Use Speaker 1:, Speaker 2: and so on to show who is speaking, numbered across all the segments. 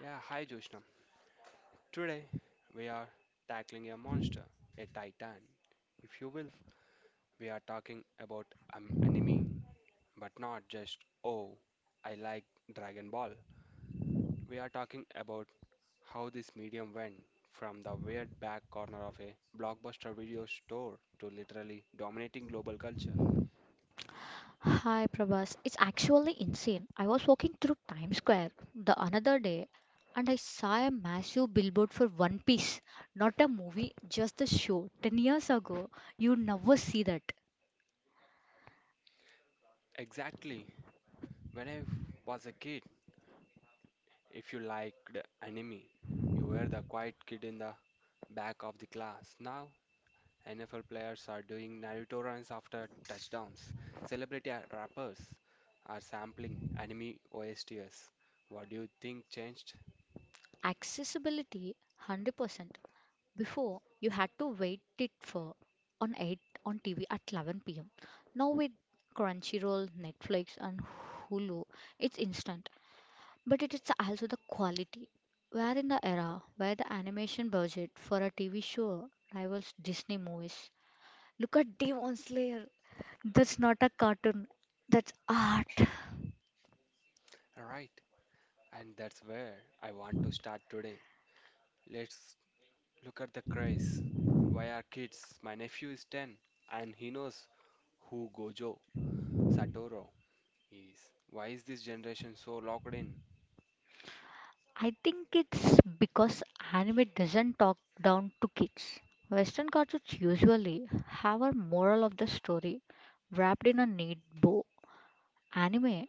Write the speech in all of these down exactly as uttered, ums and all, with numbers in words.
Speaker 1: Yeah, hi Joshnam. Today we are tackling a monster, a titan. If you will, we are talking about an anime, but not just, oh, I like Dragon Ball. We are talking about how this medium went from the weird back corner of a blockbuster video store to literally dominating global culture.
Speaker 2: Hi, Prabhas. It's actually insane. I was walking through Times Square the another day and I saw a massive billboard for One Piece. Not a movie, just a show. ten years ago, you never see that.
Speaker 1: Exactly. When I was a kid, if you liked anime, you were the quiet kid in the back of the class. Now, N F L players are doing Naruto runs after touchdowns. Celebrity ar- rappers are sampling anime O S Ts. What do you think changed?
Speaker 2: Accessibility one hundred percent. Before, you had to wait it for on eight on T V at eleven p m. Now with Crunchyroll, Netflix and Hulu, it's instant. But it is also the quality. We're in the era where the animation budget for a T V show rivals Disney movies. Look at Demon Slayer. That's not a cartoon, that's art.
Speaker 1: Right, and that's where I want to start today. Let's look at the craze. Why are kids? My nephew is ten and he knows who Gojo Satoru is. Why is this generation so locked in?
Speaker 2: I think it's because anime doesn't talk down to kids. Western cartoons usually have a moral of the story wrapped in a neat bow. Anime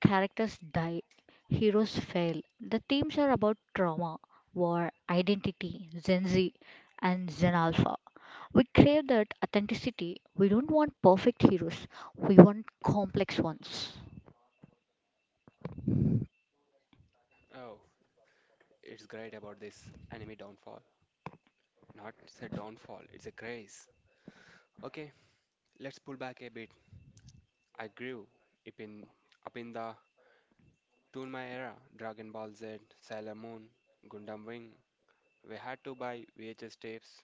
Speaker 2: characters die, heroes fail. The themes are about trauma, war, identity, Gen Z, and Gen Alpha. We crave that authenticity. We don't want perfect heroes, we want complex ones.
Speaker 1: Oh, it's great about this enemy downfall. Not a downfall, it's a grace. Okay, let's pull back a bit. I grew up in, up in the Toonma era Dragon Ball Z, Sailor Moon, Gundam Wing. We had to buy V H S tapes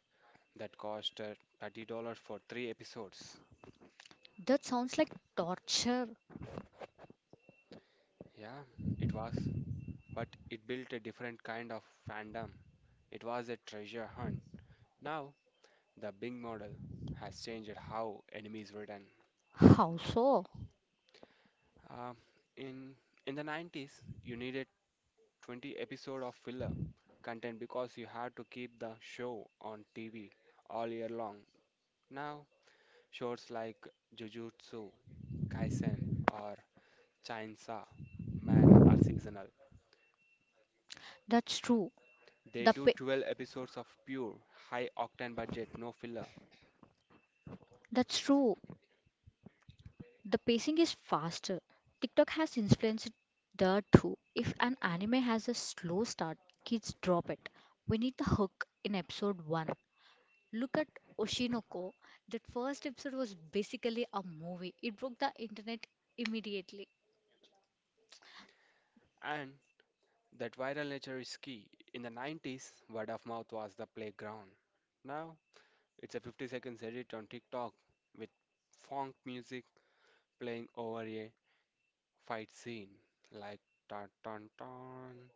Speaker 1: that cost uh, thirty dollars for three episodes.
Speaker 2: That sounds like torture.
Speaker 1: Yeah, it was. But it built a different kind of fandom. It was a treasure hunt. Now, the Bing model has changed how enemies written.
Speaker 2: How so?
Speaker 1: Uh, in in the nineties, you needed twenty episode of filler content because you had to keep the show on T V all year long. Now, shows like Jujutsu Kaisen or Chainsaw Man are seasonal.
Speaker 2: That's true.
Speaker 1: They
Speaker 2: The
Speaker 1: do
Speaker 2: pa-
Speaker 1: twelve episodes of pure high octane budget, no filler.
Speaker 2: that's true. The pacing is faster. TikTok has influenced that too. If an anime has a slow start, kids drop it. We need the hook in episode one. Look at Oshinoko. That first episode was basically a movie, it broke the internet immediately.
Speaker 1: And that viral nature is key. In the nineties, word of mouth was the playground. Now, it's a fifty seconds edit on TikTok with funk music playing over a fight scene like dun dun dun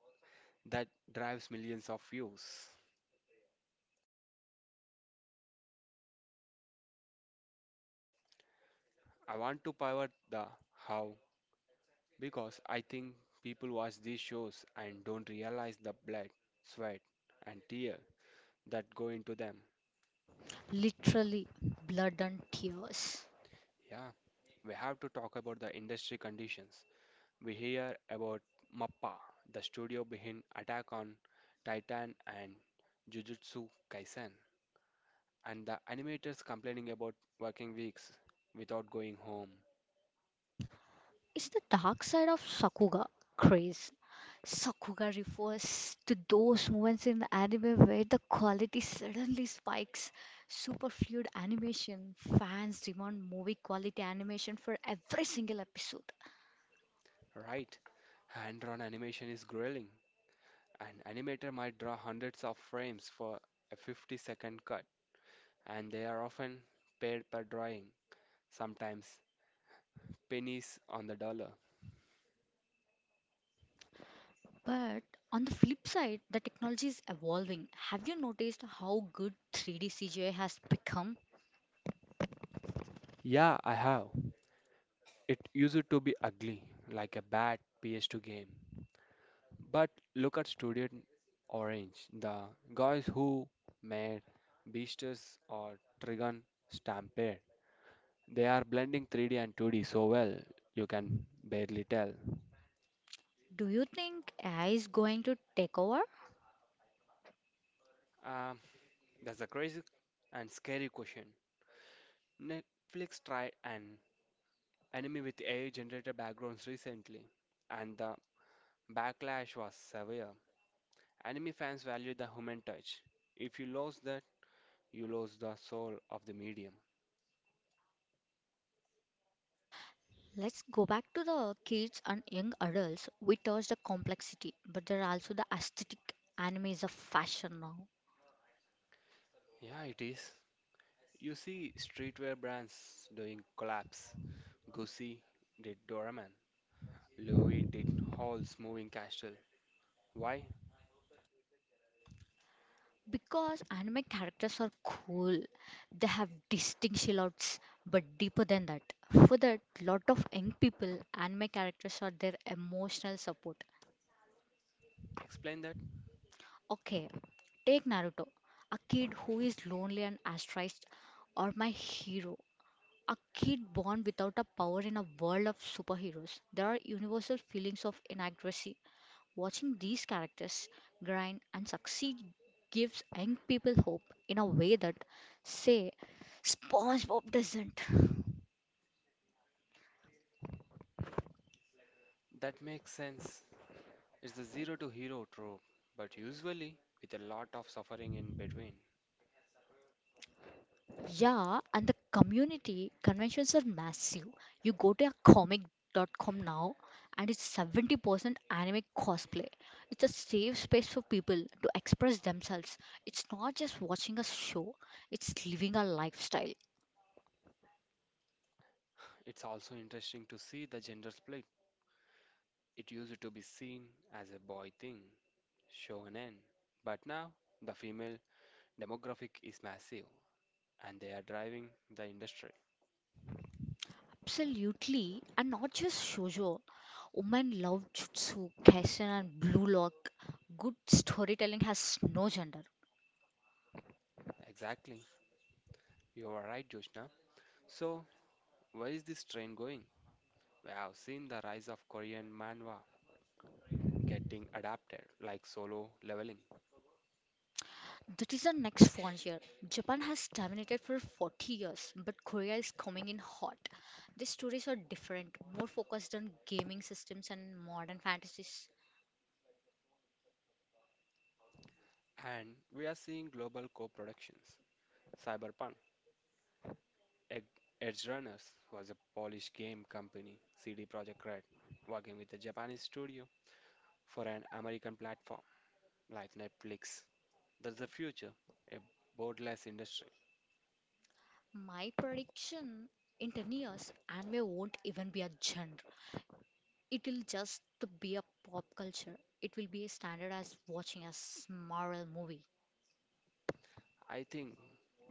Speaker 1: that drives millions of views. I want to pivot the how, because I think people watch these shows and don't realize the blood, sweat, and tear that go into them.
Speaker 2: Literally, blood and tears.
Speaker 1: Yeah, we have to talk about the industry conditions. We hear about MAPPA, the studio behind Attack on Titan and Jujutsu Kaisen, and the animators complaining about working weeks without going home,
Speaker 2: It's the dark side of Sakuga craze. Sakuga refers to those moments in anime where the quality suddenly spikes. Super fluid animation. Fans demand movie quality animation for every single episode.
Speaker 1: right? Hand drawn animation is grueling. An animator might draw hundreds of frames for a fifty second cut, and they are often paid per drawing, sometimes pennies on the dollar.
Speaker 2: But on the flip side, the technology is evolving. Have you noticed how good three D C G I has become?
Speaker 1: Yeah, I have. It used to be ugly, like a bad P S two game. But look at Studio Orange, the guys who made Beasters or Trigun Stampede. They are blending three D and two D so well, you can barely tell.
Speaker 2: Do you think A I is going to take over?
Speaker 1: Um, that's a crazy and scary question. Netflix tried an anime with A I generated backgrounds recently, and the backlash was severe. Anime fans value the human touch. If you lose that, you lose the soul of the medium.
Speaker 2: Let's go back to the kids and young adults. We touched the complexity, but there are also the aesthetic. Anime is a fashion now.
Speaker 1: Yeah, it is. You see streetwear brands doing collabs. Gucci did Doraemon. Louis did Hall's Moving Castle. Why?
Speaker 2: Because anime characters are cool. They have distinct silhouettes, but deeper than that. For that, lot of young people, anime characters are their emotional support.
Speaker 1: Explain that.
Speaker 2: Okay, take Naruto, a kid who is lonely and ostracized, or my hero, a kid born without a power in a world of superheroes. There are universal feelings of inadequacy. Watching these characters grind and succeed gives young people hope in a way that, say, SpongeBob doesn't.
Speaker 1: That makes sense. It's the zero to hero trope, but usually with a lot of suffering in between.
Speaker 2: Yeah, and the community conventions are massive. You go to a Comic comic.com now, and it's seventy percent anime cosplay. It's a safe space for people to express themselves. It's not just watching a show, it's living a lifestyle.
Speaker 1: It's also interesting to see the gender split. It used to be seen as a boy thing, shonen, but now the female demographic is massive and they are driving the industry.
Speaker 2: Absolutely, and not just shoujo. Women love Jutsu, Kaisen, and Blue Lock. Good storytelling has no gender.
Speaker 1: Exactly. You are right, Joshna. So, where is this train going? We have seen the rise of Korean manhwa getting adapted like solo leveling,
Speaker 2: That is the next frontier. Japan has dominated for forty years, but Korea is coming in hot. These stories are different, more focused on gaming systems and modern fantasies.
Speaker 1: and we are seeing global co productions. Cyberpunk Ed- Edge Runners was a Polish game company, C D Projekt Red, working with a Japanese studio for an American platform like Netflix. That's the future, a borderless industry.
Speaker 2: My prediction in ten years, anime won't even be a genre. It will just be a pop culture. It will be a standard as watching a s- Marvel movie.
Speaker 1: I think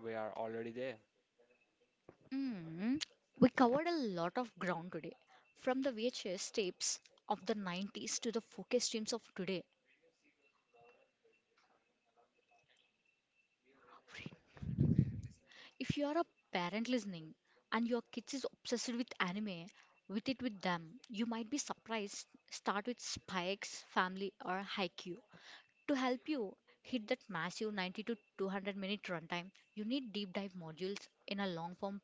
Speaker 1: we are already there.
Speaker 2: Mm, we covered a lot of ground today, from the V H S tapes of the nineties to the focus streams of today. If you are a parent listening and your kids is obsessed with anime, with it with them, you might be surprised. Start with Spikes, Family, or Haikyuu. To help you hit that massive ninety to two hundred minute runtime, you need deep dive modules in a long form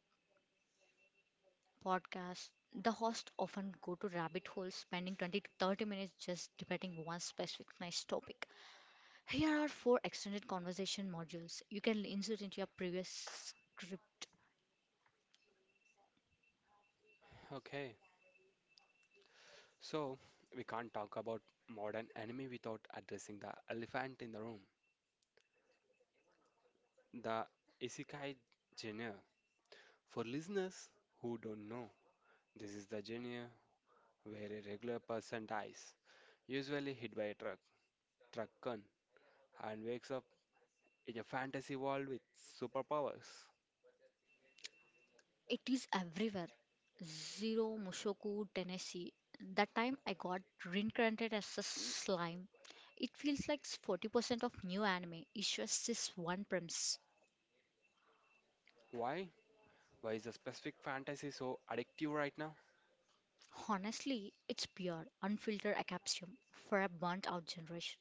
Speaker 2: podcast. The hosts often go to rabbit holes, spending twenty to thirty minutes just debating one specific nice topic. Here are four extended conversation modules you can insert into your previous script.
Speaker 1: Okay, so we can't talk about modern anime without addressing the elephant in the room, the isekai genre. For listeners who don't know, this is the genre where a regular person dies, usually hit by a truck, truck gun, and wakes up in a fantasy world with superpowers.
Speaker 2: It is everywhere. Zero Mushoku, Tennessee. That time I got reincarnated as a slime. It feels like forty percent of new anime is just this one premise.
Speaker 1: Why? Why is a specific fantasy so addictive right now?
Speaker 2: Honestly, it's pure, unfiltered acapsium for a burnt out generation.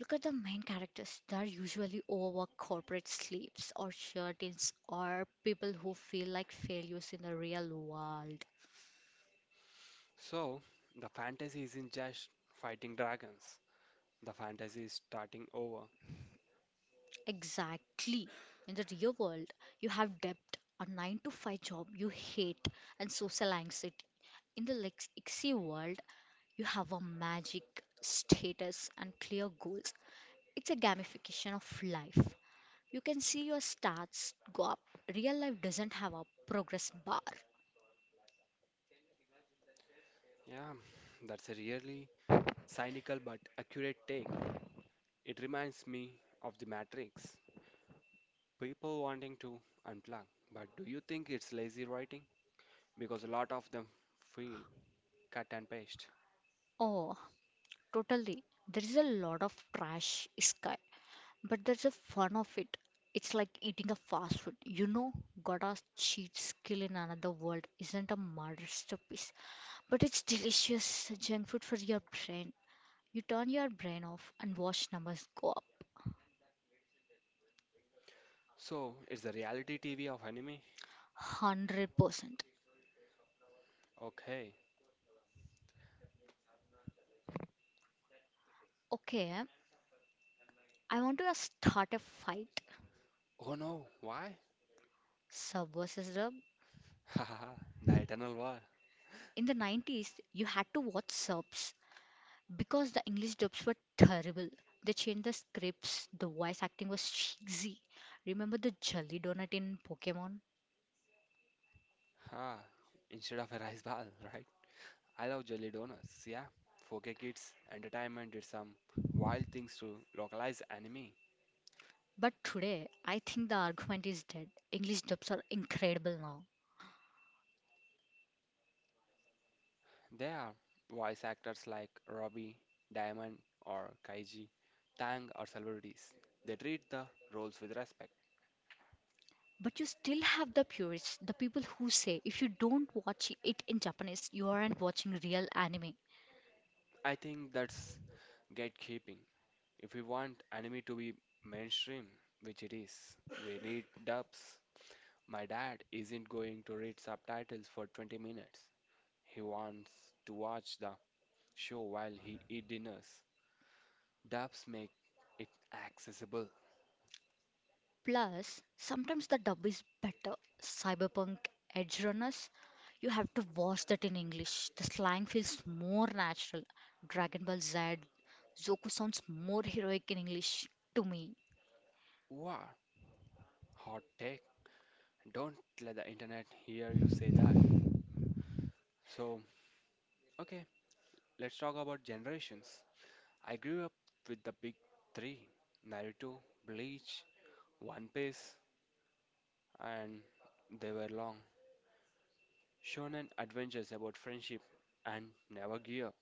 Speaker 2: Look at the main characters. They're usually overworked corporate slaves or charlatans or people who feel like failures in the real world.
Speaker 1: So, the fantasy isn't just fighting dragons. The fantasy is starting over.
Speaker 2: Exactly. In the real world, you have debt, a nine to five job you hate, and social anxiety. In the Lex- Ixie world, you have a magic, status, and clear goals. It's a gamification of life. You can see your stats go up. Real life doesn't have a progress bar.
Speaker 1: Yeah, that's a really cynical but accurate take. It reminds me of The Matrix. People wanting to unplug. But do you think it's lazy writing? Because a lot of them feel cut and paste.
Speaker 2: Oh, totally. There is a lot of trash sky, but there's a fun of it. It's like eating a fast food. You know, Goda's cheat skill in another world isn't a masterpiece, but it's delicious junk food for your brain. You turn your brain off and watch numbers go up.
Speaker 1: So, it's the reality T V of anime?
Speaker 2: one hundred percent.
Speaker 1: Okay.
Speaker 2: Okay, I want to start a fight.
Speaker 1: Oh no, why?
Speaker 2: Sub versus Rub.
Speaker 1: Haha, the eternal war.
Speaker 2: In the nineties, you had to watch subs because the English dubs were terrible. They changed the scripts, the voice acting was cheesy. Remember the jelly donut in Pokemon?
Speaker 1: Ha, instead of a rice ball, right? I love jelly donuts, yeah. four K Kids Entertainment did some wild things to localize anime.
Speaker 2: But today, I think the argument is dead. English dubs are incredible now.
Speaker 1: There are voice actors like Robbie, Diamond, or Kaiji, Tang, or celebrities. They treat the roles with respect.
Speaker 2: But you still have the purists, the people who say if you don't watch it in Japanese, you aren't watching real anime.
Speaker 1: I think that's gatekeeping. If we want anime to be mainstream, which it is, we need dubs. My dad isn't going to read subtitles for twenty minutes. He wants to watch the show while he eat dinners. Dubs make it accessible.
Speaker 2: Plus, sometimes the dub is better. Cyberpunk edge runners, you have to watch that in English. The slang feels more natural. Dragon Ball Z, Zoku sounds more heroic in English to me.
Speaker 1: Wow, hot take. Don't let the internet hear you say that. So, okay, let's talk about generations. I grew up with the big three Naruto, Bleach, One Piece, and they were long. Shonen adventures about friendship and never give up.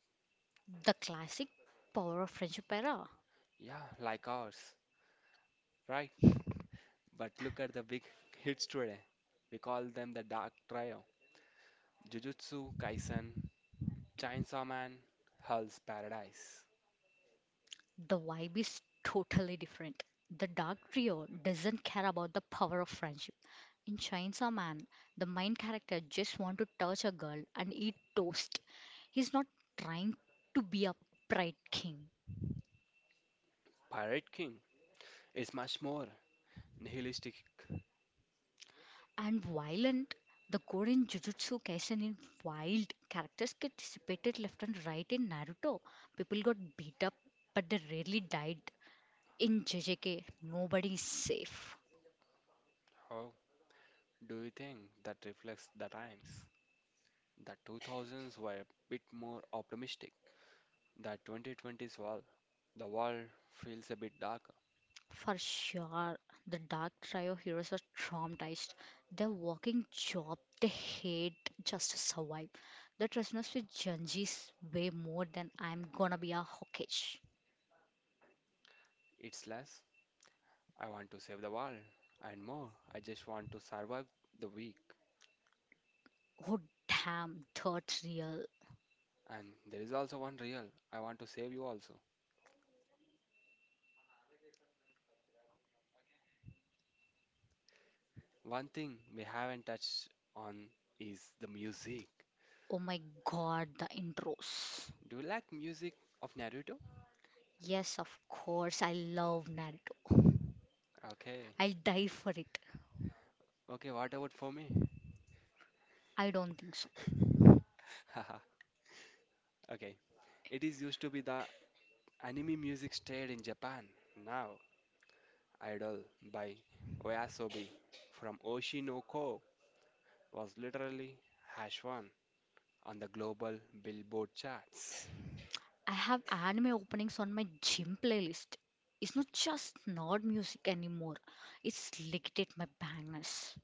Speaker 2: The classic power of friendship era.
Speaker 1: Yeah, like ours, right? But look at the big hits today. We call them the Dark Trio Jujutsu Kaisen, Chainsaw Man, Hell's Paradise.
Speaker 2: The vibe is totally different. The Dark Trio doesn't care about the power of friendship. In Chainsaw Man, the main character just want to touch a girl and eat toast. He's not trying to be a pride king.
Speaker 1: Pirate King is much more nihilistic.
Speaker 2: And violent, the gore in Jujutsu Kaisen in wild. Characters get dissipated left and right in Naruto. People got beat up, but they rarely died. In J J K, nobody is safe.
Speaker 1: How do you think that reflects the times? The two thousands were a bit more optimistic. The twenty twenties, well, the world feels a bit darker.
Speaker 2: For sure, the Dark Trio heroes are traumatized. They're working job they hate just to survive. They resonance with Junji's way more than I'm gonna be a hawkish.
Speaker 1: It's less I want to save the world and more. I just want to survive the week.
Speaker 2: Oh damn, that's real.
Speaker 1: And there is also one real. I want to save you also. One thing we haven't touched on is the music.
Speaker 2: Oh my god, the intros.
Speaker 1: Do you like music of Naruto?
Speaker 2: Yes, of course, I love Naruto.
Speaker 1: Okay.
Speaker 2: I'll die for it.
Speaker 1: Okay, what about for me?
Speaker 2: I don't think so.
Speaker 1: Haha. Okay. It is used to be the anime music stayed in Japan. Now, Idol by Oyasobi from Oshinoko was literally hash one on the global Billboard charts.
Speaker 2: I have anime openings on my gym playlist. It's not just nerd music anymore, it's licked my bangers.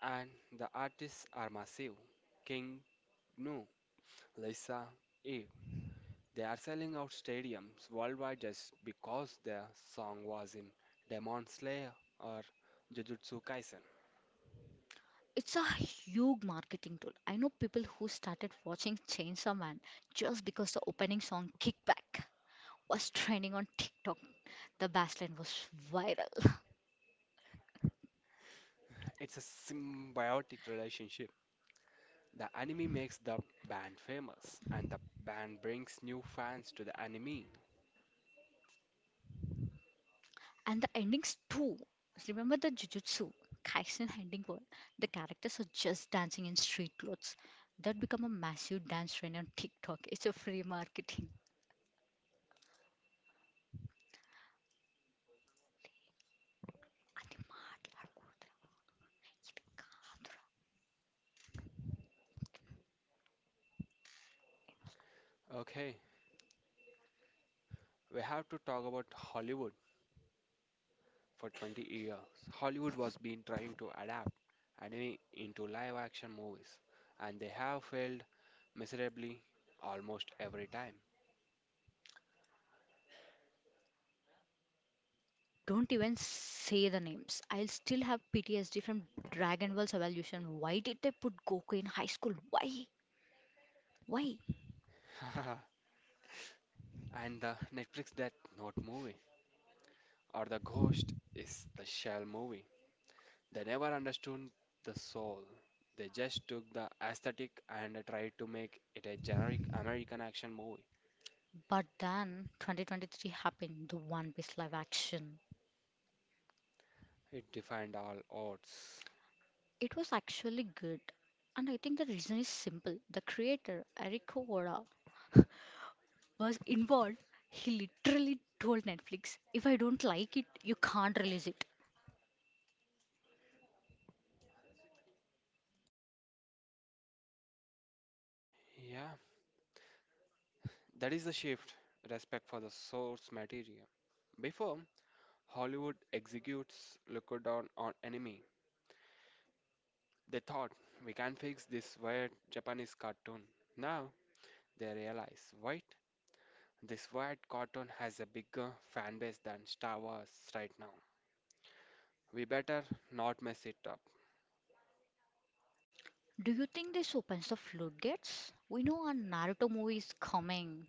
Speaker 1: And the artists are massive. King Gnu, Lisa Eve. They are selling out stadiums worldwide just because their song was in Demon Slayer or Jujutsu Kaisen.
Speaker 2: It's a huge marketing tool. I know people who started watching Chainsaw Man just because the opening song Kickback was trending on TikTok. The bassline was viral.
Speaker 1: It's a symbiotic relationship. The anime makes the band famous, and the band brings new fans to the anime.
Speaker 2: And the endings too. Remember the Jujutsu Kaisen ending where the characters are just dancing in street clothes? That become a massive dance trend on TikTok. It's a free marketing.
Speaker 1: Okay, we have to talk about Hollywood. For twenty years, Hollywood was been trying to adapt anime into live action movies, and they have failed miserably almost every time.
Speaker 2: Don't even say the names. I'll still have P T S D from Dragon Ball's evolution. Why did they put Goku in high school? Why? Why?
Speaker 1: And the Netflix Death Note movie or the Ghost is the Shell movie. They never understood the soul. They just took the aesthetic and tried to make it a generic American action movie.
Speaker 2: But then twenty twenty-three happened, the One Piece live action.
Speaker 1: It defined all odds.
Speaker 2: It was actually good. And I think the reason is simple. The creator, Eric Oda, was involved. He literally told Netflix, if I don't like it, you can't release it.
Speaker 1: Yeah, that is the shift. Respect for the source material. Before, Hollywood executes Lockdown on enemy. They thought we can fix this weird Japanese cartoon. Now they realize, wait, this weird cartoon has a bigger fan base than Star Wars right now. We better not mess it up.
Speaker 2: Do you think this opens the floodgates? We know a Naruto movie is coming.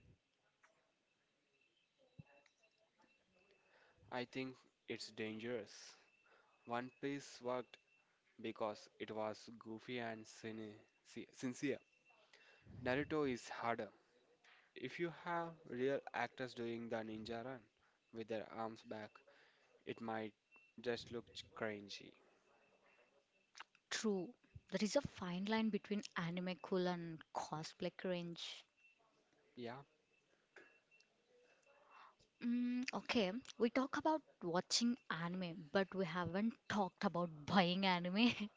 Speaker 1: I think it's dangerous. One Piece worked because it was goofy and sin- si- sincere. Naruto is harder. If you have real actors doing the ninja run with their arms back, it might just look cringy.
Speaker 2: True, there is a fine line between anime cool and cosplay cringe.
Speaker 1: Yeah,
Speaker 2: Mm, okay, we talk about watching anime, but we haven't talked about buying anime.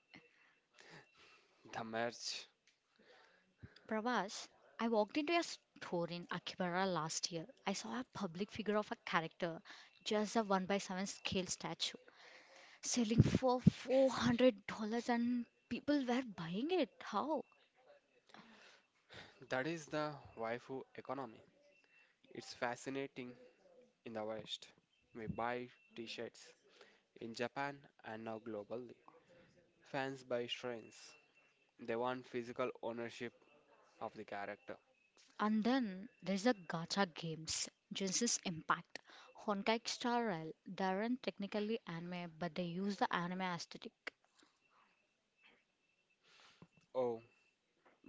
Speaker 1: the merge.
Speaker 2: Pravash, I walked into a store in Akibara last year. I saw a public figure of a character, just a one by seven scale statue, selling for four hundred dollars, and people were buying it. How?
Speaker 1: That is the waifu economy. It's fascinating in the West. We buy t shirts in Japan and now globally. Fans buy strains. They want physical ownership of the character.
Speaker 2: And then there's a gacha games, Genesis Impact. Honkai Star Rail, they aren't technically anime, but they use the anime aesthetic.
Speaker 1: Oh,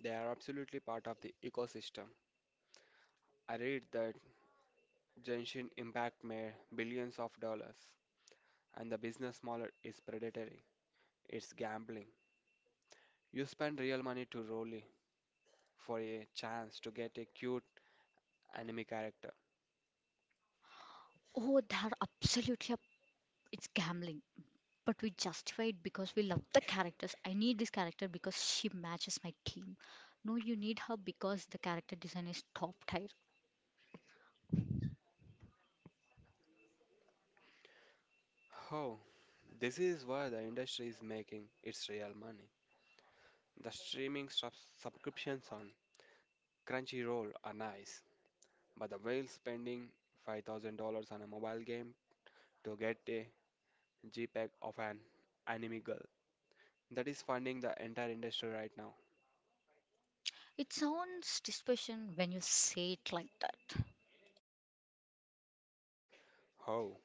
Speaker 1: they are absolutely part of the ecosystem. I read that Genshin Impact made billions of dollars, and the business model is predatory. It's gambling. You spend real money to roll i- for a chance to get a cute anime character.
Speaker 2: Oh, they're absolutely, up- it's gambling. But we justify it because we love the characters. I need this character because she matches my team. No, you need her because the character design is top tier.
Speaker 1: Oh, this is where the industry is making its real money. The streaming sub- subscriptions on Crunchyroll are nice, but the whale spending five thousand dollars on a mobile game to get a JPEG of an anime girl. That is funding the entire industry right now.
Speaker 2: It sounds dispassion when you say it like that.
Speaker 1: Oh,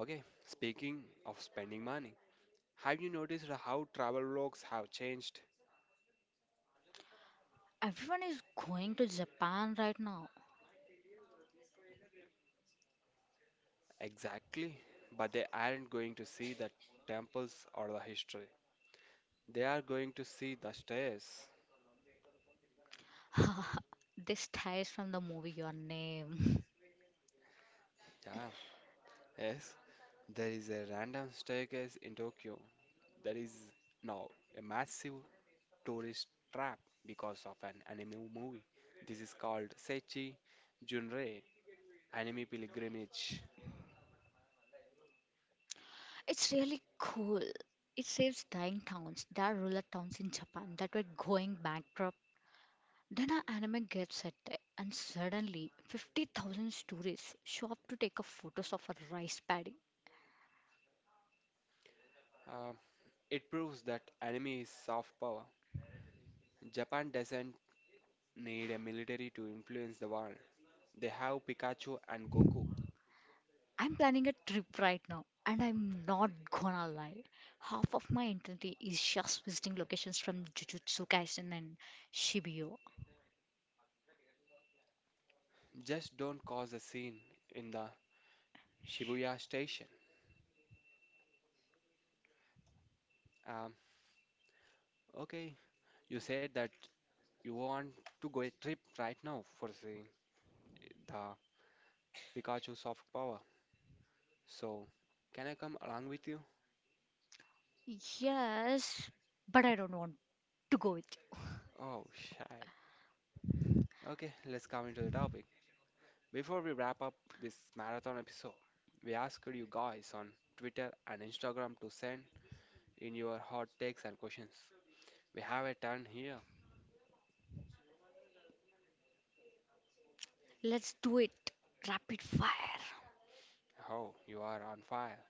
Speaker 1: okay. Speaking of spending money, have you noticed how travel vlogs have changed?
Speaker 2: Everyone is going to Japan right now.
Speaker 1: Exactly, but they aren't going to see the temples or the history. They are going to see the stairs.
Speaker 2: This ties from the movie Your Name.
Speaker 1: Yeah, yes. There is a random staircase in Tokyo that is now a massive tourist trap because of an anime movie. This is called Seichi Junrei Anime Pilgrimage.
Speaker 2: It's really cool. It saves dying towns. There are rural towns in Japan that were going bankrupt. Then an anime gets set there, and suddenly fifty thousand tourists show up to take a photos of a rice paddy.
Speaker 1: Uh, it proves that anime is soft power. Japan doesn't need a military to influence the world. They have Pikachu and Goku.
Speaker 2: I'm planning a trip right now, and I'm not gonna lie. Half of my identity is just visiting locations from Jujutsu Kaisen and Shibuya.
Speaker 1: Just don't cause a scene in the Shibuya station. Um, okay, you said that you want to go a trip right now for seeing the Pikachu soft power. So, can I come along with you?
Speaker 2: Yes, but I don't want to go with you.
Speaker 1: Oh, shit. Okay, let's come into the topic. Before we wrap up this marathon episode, we asked you guys on Twitter and Instagram to send in your hot takes and questions. We have a ton here.
Speaker 2: Let's do it. Rapid fire.
Speaker 1: Oh, you are on fire.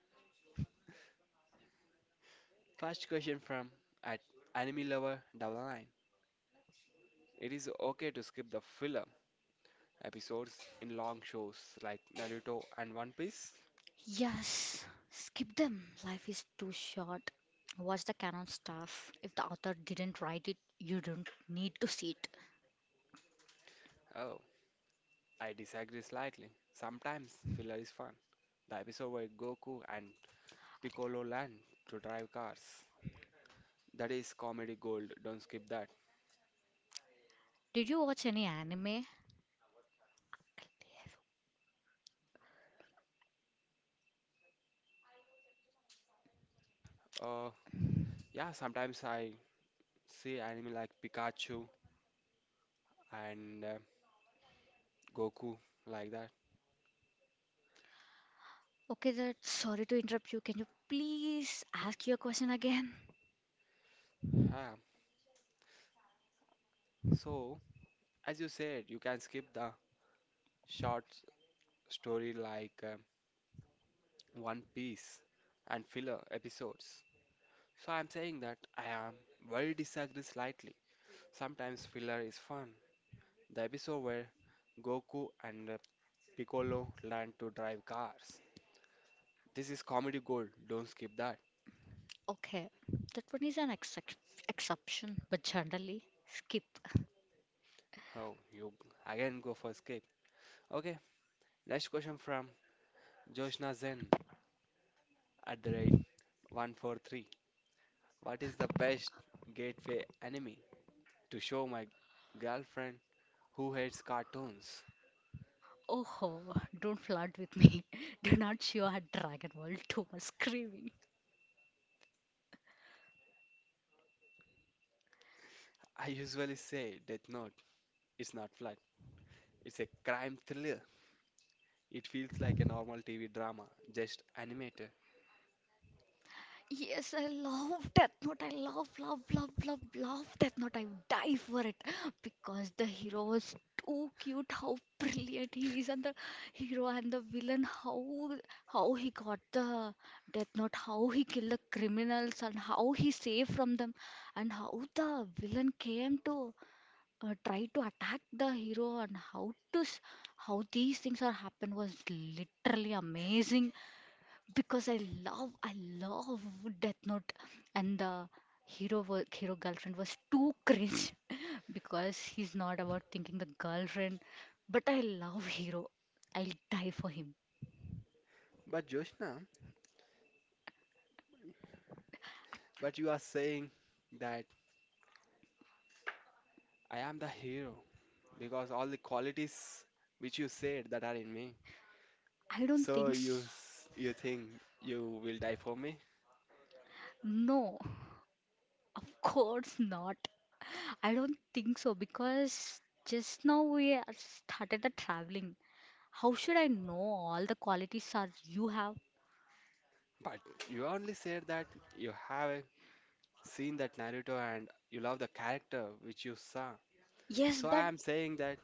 Speaker 1: First question from at Anime Lover Double Nine. It is okay to skip the filler episodes in long shows like Naruto and One Piece?
Speaker 2: Yes, skip them. Life is too short. Watch the canon stuff. If the author didn't write it, you don't need to see it.
Speaker 1: Oh, I disagree slightly. Sometimes filler is fun. The episode where Goku and Piccolo learn to drive cars. That is comedy gold. Don't skip that.
Speaker 2: Did you watch any anime?
Speaker 1: Uh, yeah, sometimes I see anime like Pikachu and uh, Goku like that.
Speaker 2: Okay, that sorry to interrupt you. Can you please ask your question again?
Speaker 1: Yeah. So, as you said, you can skip the short story like uh, One Piece and filler episodes. So I'm saying that I am well disagree slightly. Sometimes filler is fun. The episode where Goku and uh, Piccolo learn to drive cars. This is comedy gold. Don't skip that.
Speaker 2: Okay, that one is an excep exception, but generally, skip.
Speaker 1: Oh, you again go for skip. Okay, next question from Joshna Zen at the rate one four three. What is the best gateway anime to show my girlfriend who hates cartoons?
Speaker 2: Oh, don't flirt with me. Do not show a Dragon Ball too much screaming.
Speaker 1: I usually say Death Note, it's not flat. It's a crime thriller. It feels like a normal T V drama, just animated.
Speaker 2: Yes, I love Death Note. I love, love, love, love, love Death Note. I would die for it because the hero was too cute. How brilliant he is, and the hero and the villain. How how he got the Death Note. How he killed the criminals and how he saved from them, and how the villain came to uh, try to attack the hero and how to s- how these things are happen was literally amazing because I love I love Death Note, and the hero wa- hero girlfriend was too cringe. Because he's not about thinking the girlfriend, but I love hero. I'll die for him.
Speaker 1: But Joshna, but you are saying that I am the hero because all the qualities which you said that are in me.
Speaker 2: I don't
Speaker 1: So
Speaker 2: think
Speaker 1: you
Speaker 2: s-
Speaker 1: s- you think you will die for me?
Speaker 2: no, of course not. I don't think so because just now we are started the traveling. How should I know all the qualities are you have?
Speaker 1: But you only said that you have seen that Naruto and you love the character which you saw.
Speaker 2: Yes
Speaker 1: So I
Speaker 2: but
Speaker 1: am saying that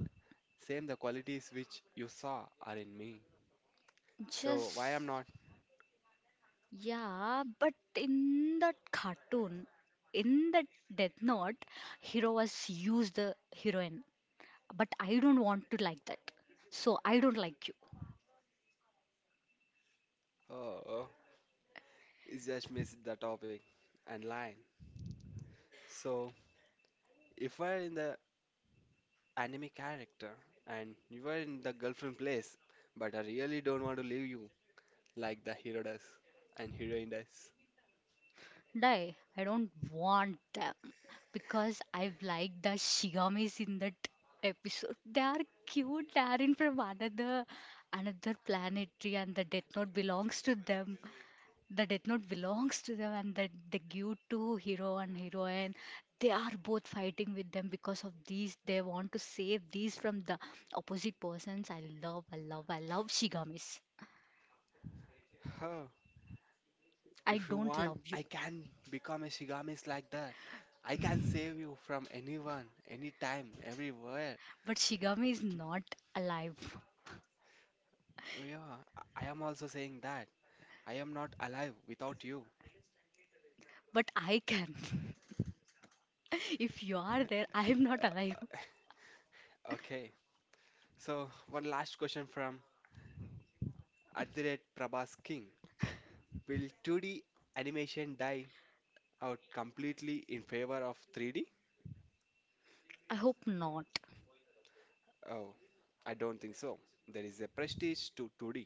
Speaker 1: same the qualities which you saw are in me. So why
Speaker 2: just
Speaker 1: I'm not
Speaker 2: Yeah, but in that cartoon, in that Death Note, hero was used the heroine. But I don't want to like that. So I don't like you.
Speaker 1: uh, is just miss the topic and line. So if we're in the anime character and you are in the girlfriend place, but I really don't want to leave you like the hero does and heroine does.
Speaker 2: Die. I don't want them because I like the Shigamis in that episode. They are cute. They are in from another another planetary, and the Death Note belongs to them. The Death Note belongs to them and that the give to hero and heroine. They are both fighting with them because of these. They want to save these from the opposite persons. I love, I love, I love Shigamis.
Speaker 1: Huh.
Speaker 2: I
Speaker 1: If you
Speaker 2: don't
Speaker 1: want,
Speaker 2: love you.
Speaker 1: I can become a Shigamis like that. I can save you from anyone, anytime, everywhere.
Speaker 2: But Shigami is not alive.
Speaker 1: Oh, yeah, I I am also saying that. I am not alive without you.
Speaker 2: But I can. If you are there, I am not alive.
Speaker 1: Okay, so one last question from At the rate Prabhas King, will two D animation die out completely in favor of three D?
Speaker 2: I hope not.
Speaker 1: Oh, I don't think so. There is a prestige to two D,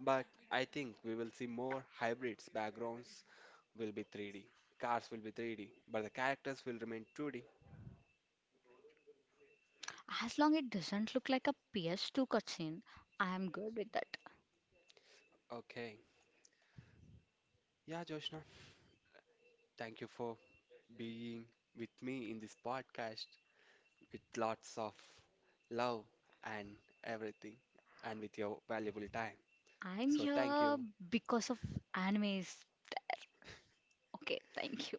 Speaker 1: but I think we will see more hybrids. Backgrounds will be three D, cars will be three D, but the characters will remain two D.
Speaker 2: As long it doesn't look like a P S two cutscene, I am good with that.
Speaker 1: Okay. Yeah, Joshna, thank you for being with me in this podcast with lots of love and everything and with your valuable time.
Speaker 2: I'm
Speaker 1: So, thank
Speaker 2: here
Speaker 1: you.
Speaker 2: because of animes. Okay, thank you.